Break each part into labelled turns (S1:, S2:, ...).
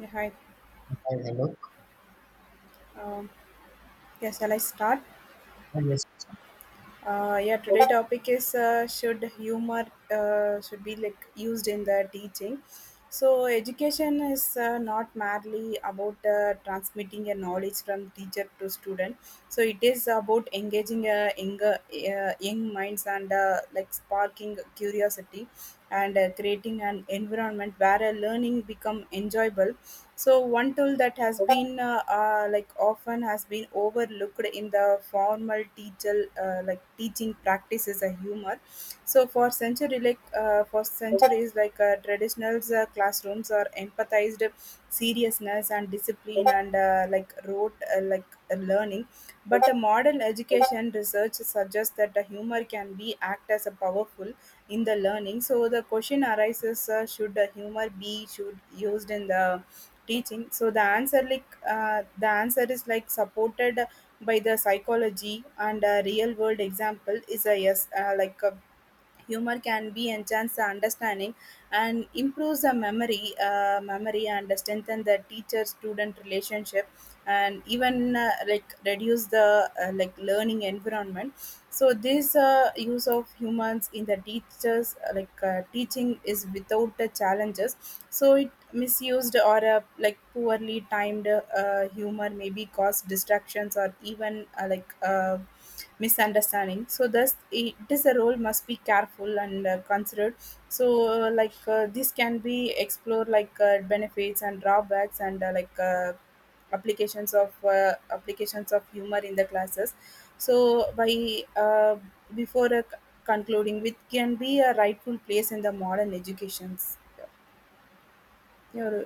S1: Yeah, hi.
S2: Hi, hello.
S1: Um, yeah, shall I start?
S2: Hi, yes.
S1: Yeah, today topic is should humor should be like used in the teaching. So education is not merely about transmitting a knowledge from teacher to student. So it is about engaging young minds and like sparking curiosity and creating an environment where learning become enjoyable. So one tool that has been like often has been overlooked in the formal teacher like teaching practice is a humor. So for century like for centuries like traditional classrooms are empathized seriousness and discipline and like rote like learning. But the modern education research suggests that the humor can be act as a powerful in the learning. So the question arises: should the humor be should used in the teaching, so the answer the answer is like supported by the psychology and a real world example is a yes, humor can be enhance the understanding and improves the memory and strengthen the teacher student relationship and even like reduce the like learning environment. So this use of humans in the teachers like teaching is without the challenges. So it misused or like poorly timed humor maybe cause distractions or even misunderstanding. So thus it is a role must be careful and considered. So this can be explored like benefits and drawbacks and applications of humor in the classes. So by uh, before concluding with can be a rightful place in the modern educations. Yeah.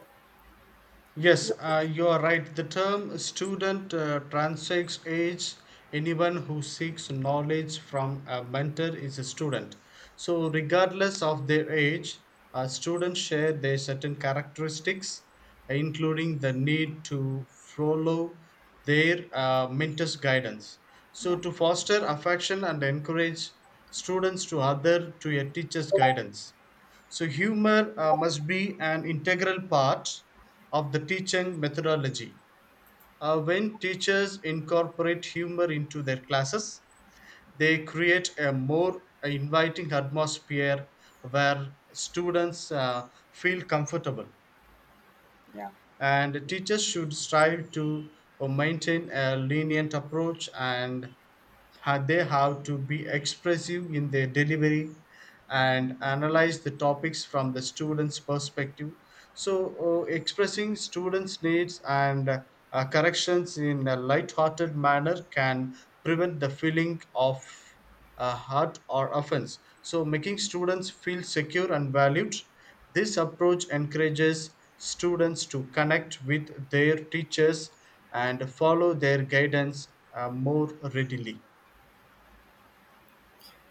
S2: Yes, you are right. The term student transcends age. Anyone who seeks knowledge from a mentor is a student. So, regardless of their age, students share their certain characteristics, including the need to follow their mentor's guidance. So,
S1: Yeah.
S2: to foster affection and encourage students to other to a teacher's guidance. So, humor must be an integral part of the teaching methodology. When teachers incorporate humor into their classes, they create a more inviting atmosphere where students feel comfortable.
S1: Yeah.
S2: And teachers should strive to maintain a lenient approach, and they have to be expressive in their delivery and analyze the topics from the students perspective. So expressing students needs and corrections in a light-hearted manner can prevent the feeling of hurt or offense, so making students feel secure and valued. This approach encourages students to connect with their teachers and follow their guidance more readily.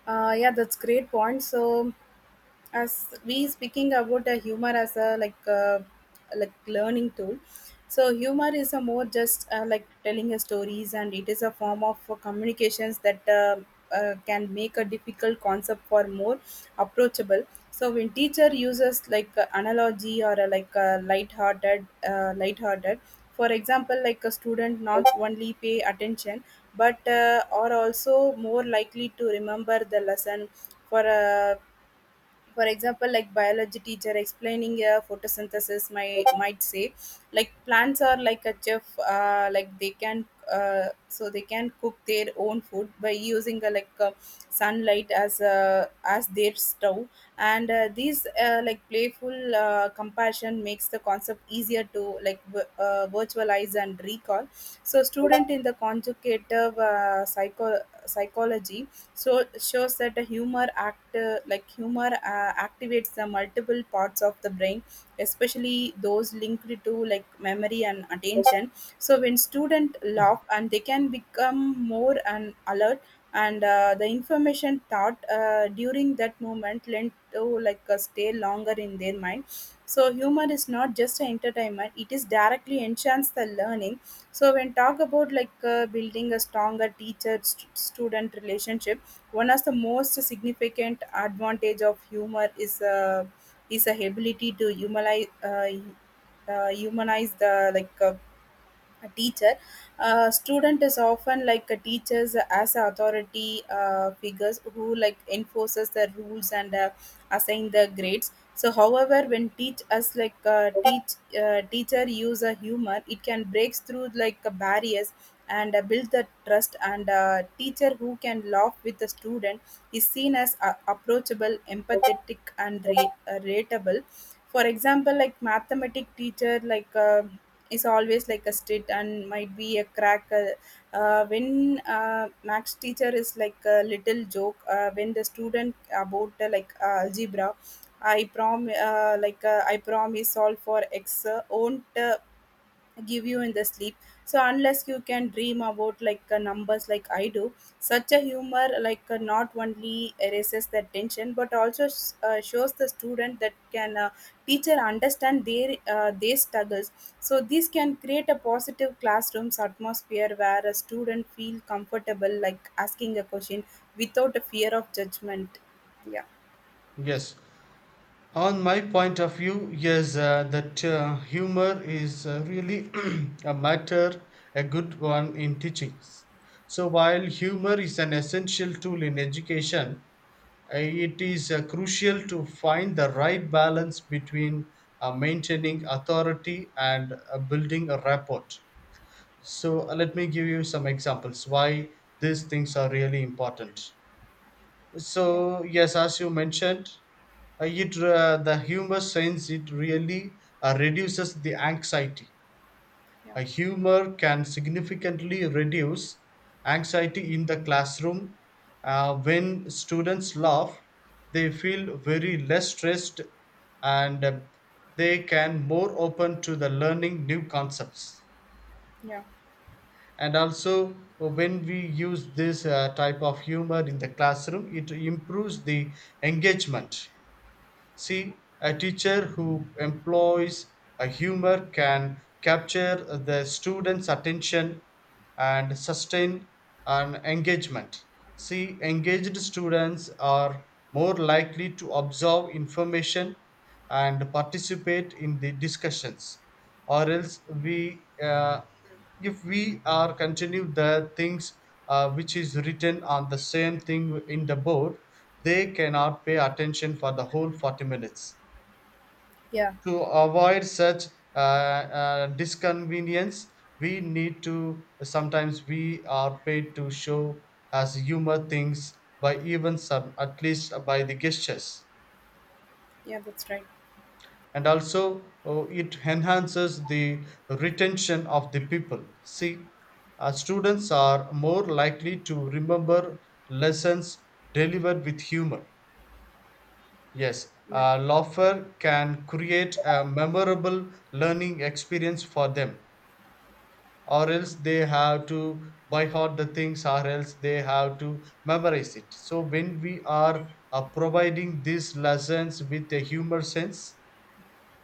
S1: Yeah, that's great point. So as we speaking about the humor as a like learning tool, so humor is a more just like telling a stories and it is a form of communications that can make a difficult concept for more approachable. So when teacher uses analogy or light-hearted, for example, like a student not only pay attention but are also more likely to remember the lesson for a, for example, like biology teacher explaining photosynthesis my might say like plants are like a chef, like they can so they can cook their own food by using sunlight as their stove. And these like playful compassion makes the concept easier to like virtualize and recall. So student in the conjugative psychology so shows that a humor activates the multiple parts of the brain, especially those linked to like memory and attention. So when student laugh and they can become more and alert, and the information thought during that moment lent to stay longer in their mind. So humor is not just an entertainment, it is directly enhance the learning. So when talk about like building a stronger student relationship, one of the most significant advantage of humor is, is the ability to humanize the a teacher. A student is often like a teachers as a authority figures who like enforces the rules and assign the grades. So, however, when teach us like teach teacher use a humor, it can break through barriers and build the trust. And teacher who can laugh with the student is seen as approachable, empathetic, and relatable. For example, like mathematic teacher, like, is always like a slit and might be a crack, when max teacher is like a little joke when the student about algebra. I promise all for x won't give you in the sleep, so unless you can dream about numbers like I do. Such a humor not only erases the tension but also shows the student that can teacher understand their, their struggles. So this can create a positive classrooms atmosphere where a student feel comfortable like asking a question without a fear of judgment. Yeah.
S2: Yes, on my point of view, yes, that humor is really a matter, a good one in teachings. So, while humor is an essential tool in education, it is crucial to find the right balance between maintaining authority and building a rapport. So, let me give you some examples why these things are really important.
S1: Yeah.
S2: So yes, as you mentioned, it the humor sense, it really reduces the anxiety.
S1: Yeah.
S2: A humor can significantly reduce anxiety in the classroom. When students laugh, they feel very less stressed, and they can more open to the learning new concepts.
S1: Yeah.
S2: And also, when we use this type of humor in the classroom, it improves the engagement. See, a teacher who employs a humor can capture the students attention and sustain an engagement. See, engaged students are more likely to absorb information and participate in the discussions, or else we if we are continue the things which is written on the same thing in the board, they cannot pay attention for the whole 40 minutes.
S1: Yeah.
S2: To avoid such uh, disconvenience, we need to sometimes we are paid to show as humor things by even some at least by the gestures.
S1: Yeah, that's right.
S2: And also, oh, it enhances the retention of the people. See, students are more likely to remember lessons delivered with humor. Yes,
S1: Yeah.
S2: laughter can create a memorable learning experience for them, or else they have to by heart the things, or else they have to memorize it. So when we are providing these lessons with a humor sense,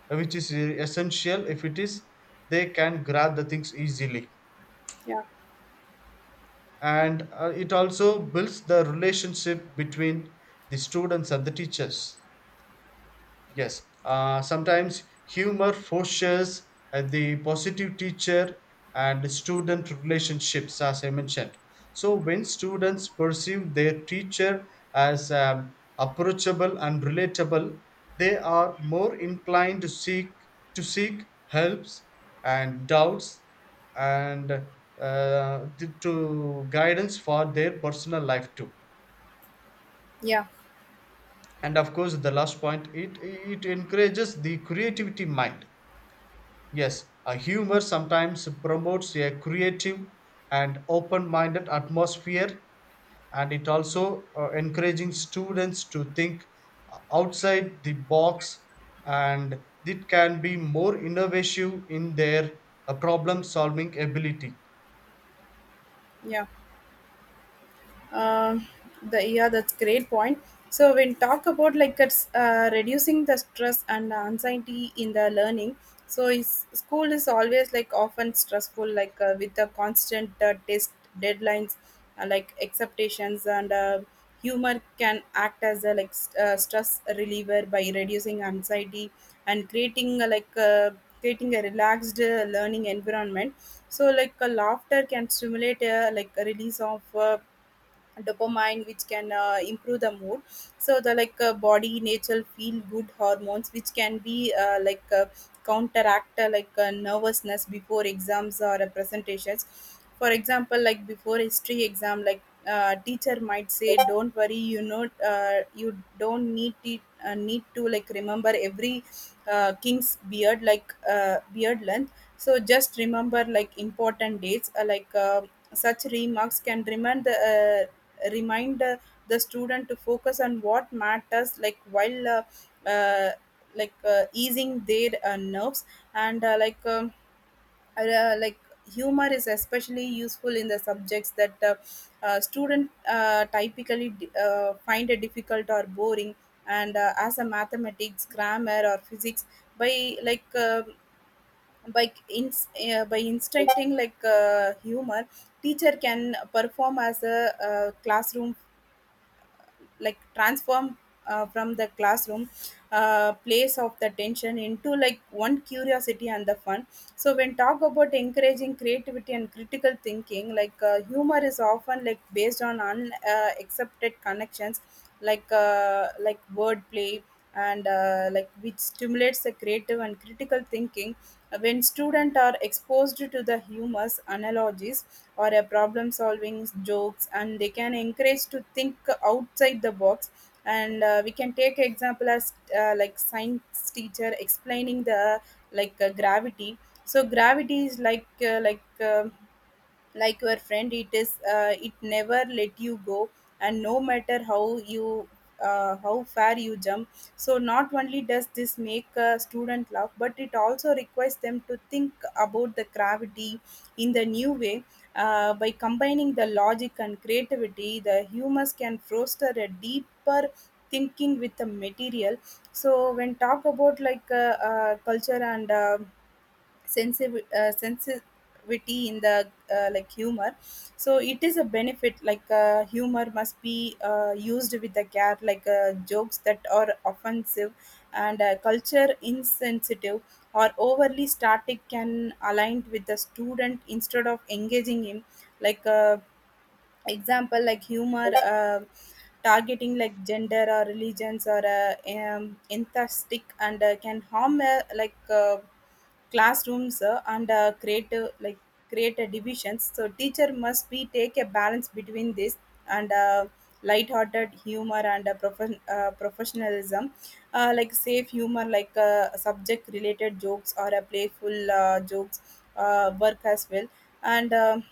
S2: which is essential if it is, they can grab the things easily.
S1: Yeah.
S2: And it also builds the relationship between the students and the teachers. Yes, sometimes humor fosters the positive teacher and student relationships, as I mentioned. So, when students perceive their teacher as approachable and relatable, they are more inclined to seek helps and doubts, and to guidance for their personal life too.
S1: Yeah.
S2: And of course the last point, it encourages the creativity mind. Yes, a humor sometimes promotes a creative and open-minded atmosphere, and it also encouraging students to think outside the box, and it can be more innovative in their problem-solving ability.
S1: Yeah. Um, the yeah, that's great point. So when talk about like it's reducing the stress and anxiety in the learning. So is, school is always like often stressful, like with the constant test deadlines, like expectations, and humor can act as a like stress reliever by reducing anxiety and creating creating a relaxed learning environment. So like a laughter can stimulate like a release of dopamine, which can improve the mood, so the body natural feel good hormones, which can be counteract nervousness before exams or presentations. For example, like before history exam like, teacher might say don't worry, you know, you don't need to need to like remember every king's beard, like beard length, so just remember like important dates, such remarks can remind the student to focus on what matters, like while easing their nerves and like humor is especially useful in the subjects that student typically find it difficult or boring and as a mathematics grammar or physics. By like uh, by ins uh, by instructing like humor, teacher can perform as a classroom like transform from the classroom place of the tension into like one curiosity and the fun. So when talk about encouraging creativity and critical thinking, like humor is often like based on unaccepted accepted connections, like wordplay and like which stimulates the creative and critical thinking. When students are exposed to the humorous analogies or a problem solving jokes and they can encourage to think outside the box. And we can take example as like science teacher explaining the gravity. So gravity is like uh like your friend, it is it never let you go and no matter how you how far you jump. So not only does this make a student laugh, but it also requires them to think about the gravity in the new way. By combining the logic and creativity, the humans can foster a deeper thinking with the material. So when talk about culture and sensitivity in the like humor, so it is a benefit like humor must be used with the care. Like jokes that are offensive and culture insensitive or overly static can aligned with the student instead of engaging him, like uh, example like humor targeting like gender or religions or enthusiastic and can harm classrooms and create like create a divisions. So teacher must be take a balance between this and light-hearted humor and professionalism. Like safe humor like subject related jokes or a playful jokes work as well. And um,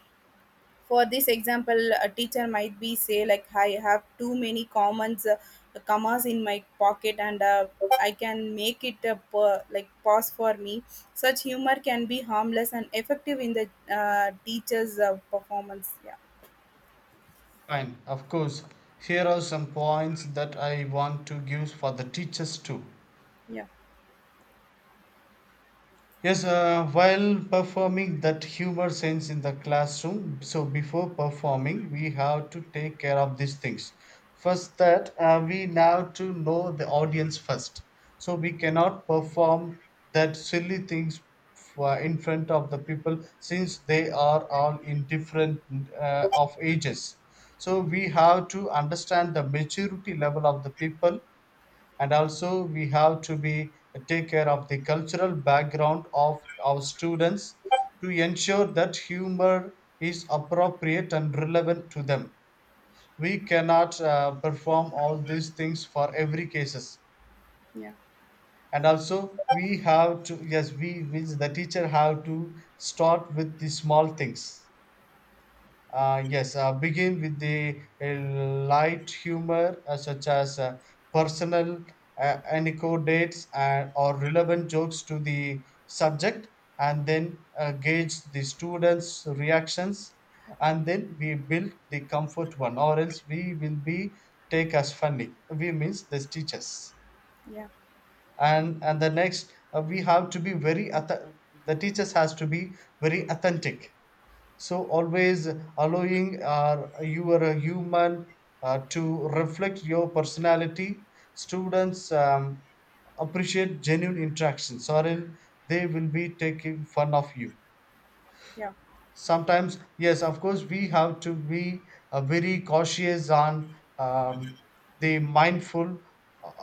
S1: for this example, a teacher might be say like I have too many commas in my pocket and I can make it a like pause for me. Such humor can be harmless and effective in the teacher's performance. Yeah.
S2: Fine, of course. Here are some points that I want to give for the teachers too.
S1: Yeah.
S2: Yes, while performing that humor sense in the classroom, so before performing, we have to take care of these things. First, that we now to know the audience first. So we cannot perform that silly things for, in front of the people since they are all in different of ages. So we have to understand the maturity level of the people, and also we have to be take care of the cultural background of our students to ensure that humor is appropriate and relevant to them. We cannot perform all these things for every cases.
S1: Yeah.
S2: And also we have to, yes, we means the teacher have to start with the small things. Yes, begin with the light humor such as personal anecdotes and, or relevant jokes to the subject, and then gauge the students' reactions, and then we build the comfort one, or else we will be take as funny. We means the teachers. And and the next uh, we have to be the teachers has to be very authentic. So always allowing your human to reflect your personality. Students appreciate genuine interactions, or else they will be taking fun of you.
S1: Yeah.
S2: Sometimes, yes, of course we have to be very cautious on the mindful,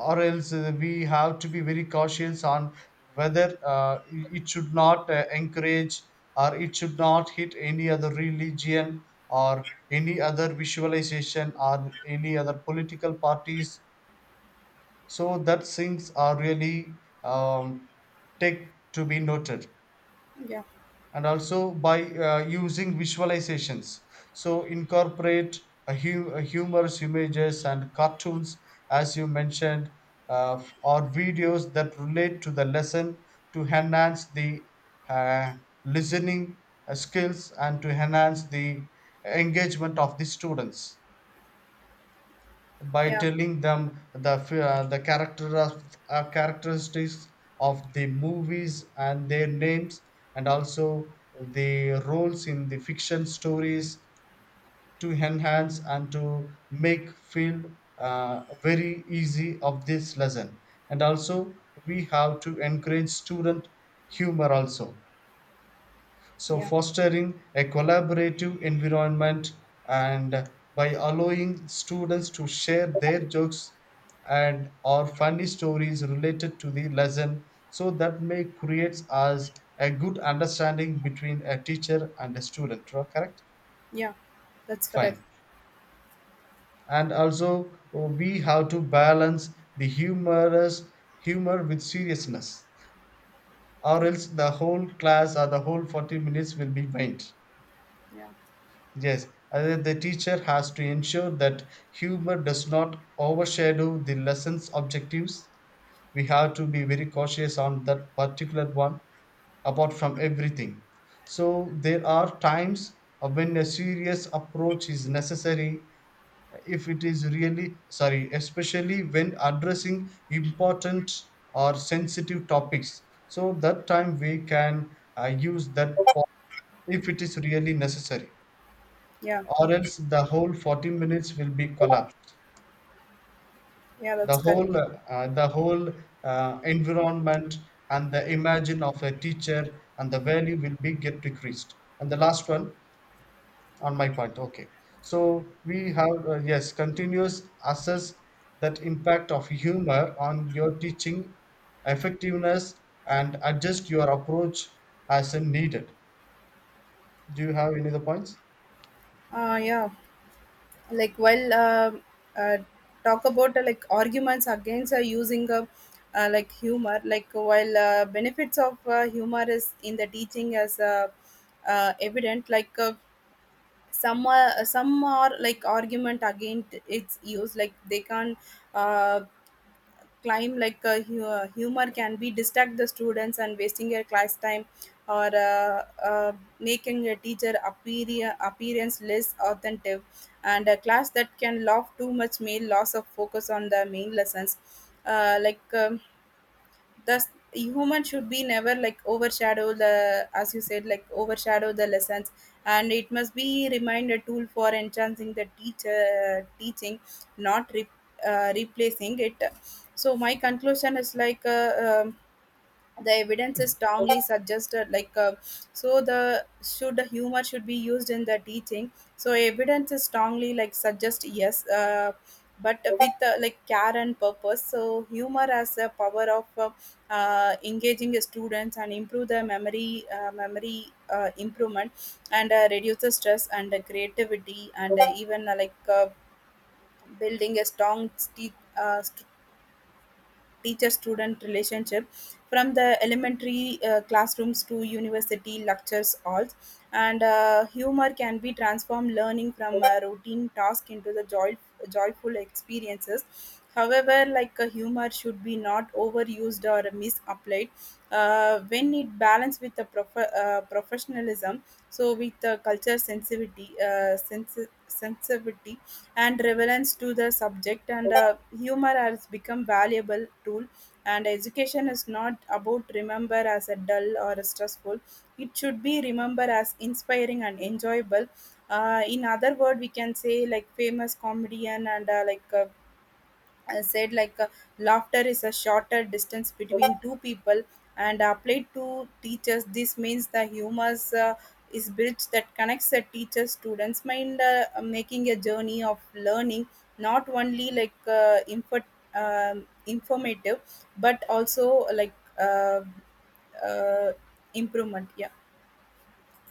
S2: or else we have to be very cautious on whether it should not encourage or it should not hit any other religion or any other visualization or any other political parties. So that things are really um, take to be noted.
S1: Yeah. Yeah.
S2: And also, by using visualizations. So incorporate a humorous images and cartoons, as you mentioned, or videos that relate to the lesson to enhance the uh, listening skills and to enhance the engagement of the students by
S1: Yeah.
S2: telling them the character of, characteristics of the movies and their names, and also the roles in the fiction stories to enhance and to make feel very easy of this lesson. And also, we have to encourage student humor also. So,
S1: Yeah.
S2: fostering a collaborative environment and by allowing students to share their jokes and or funny stories related to the lesson, so that may creates us a good understanding between a teacher and a student. Correct.
S1: Yeah, that's correct.
S2: Fine. And also we have to balance the humor with seriousness, or else the whole class or the whole 40 minutes will be vain.
S1: Yeah.
S2: Yes, the teacher has to ensure that humor does not overshadow the lesson's objectives. We have to be very cautious on that particular one, apart from everything. So, there are times when a serious approach is necessary if it is really sorry, especially when addressing important or sensitive topics. So, that time we can use if it is really necessary,
S1: Yeah.
S2: or else the whole 40 minutes will be collapsed.
S1: Yeah,
S2: The
S1: that's correct.
S2: whole environment and the imagine of a teacher and the value will be get decreased. And the last one, on my point, okay, so we have yes, continuous assess that impact of humor on your teaching effectiveness and adjust your approach as needed. Do you have any other points?
S1: Yeah, like while uh, talk about like arguments against using like humor, like while benefits of humor is in the teaching as evident, like some are like argument against its use like they can uh, climb like humor can be distract the students and wasting their class time or making a teacher appearance less authentic and a class that can laugh too much may loss of focus on the main lessons. uh, like um, Thus human should be never like overshadow the, as you said, like overshadow the lessons, and it must be remained a tool for enhancing the teacher teaching, not replacing it. So my conclusion is like the evidence is strongly suggested like so the should the humor should be used in the teaching. So evidence is strongly like suggest yes, but with like care and purpose. So humor has the power of engaging students and improve their memory improvement, and reduce the stress and the creativity and even like building a strong teacher student relationship from the elementary classrooms to university lectures halls. And humor can be transformed learning from a routine task into the joyful experiences. However, like a humor should be not overused or misapplied. When it balanced with the professionalism, so with the culture sensitivity and relevance to the subject, and humor has become valuable tool, and education is not about remember as a dull or a stressful, it should be remember as inspiring and enjoyable. In other word, we can say like famous comedian and I said like laughter is a shorter distance between two people, and applied to teachers, this means the humor's is bridge that connects the teacher students mind, making a journey of learning not only like informative but also like uh, uh, improvement. Yeah.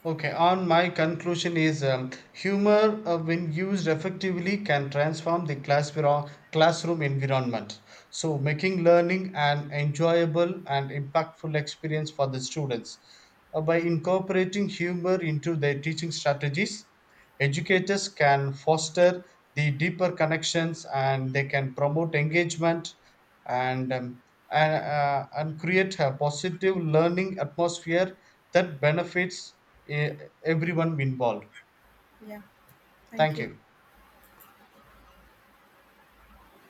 S2: Okay, on my conclusion is humor, when used effectively, can transform the classroom environment. So, making learning an enjoyable and impactful experience for the students. By incorporating humor into their teaching strategies, educators can foster the deeper connections and they can promote engagement and, um, and and create a positive learning atmosphere that benefits uh, everyone involved.
S1: Yeah, thank
S2: Thank
S1: you.
S2: you.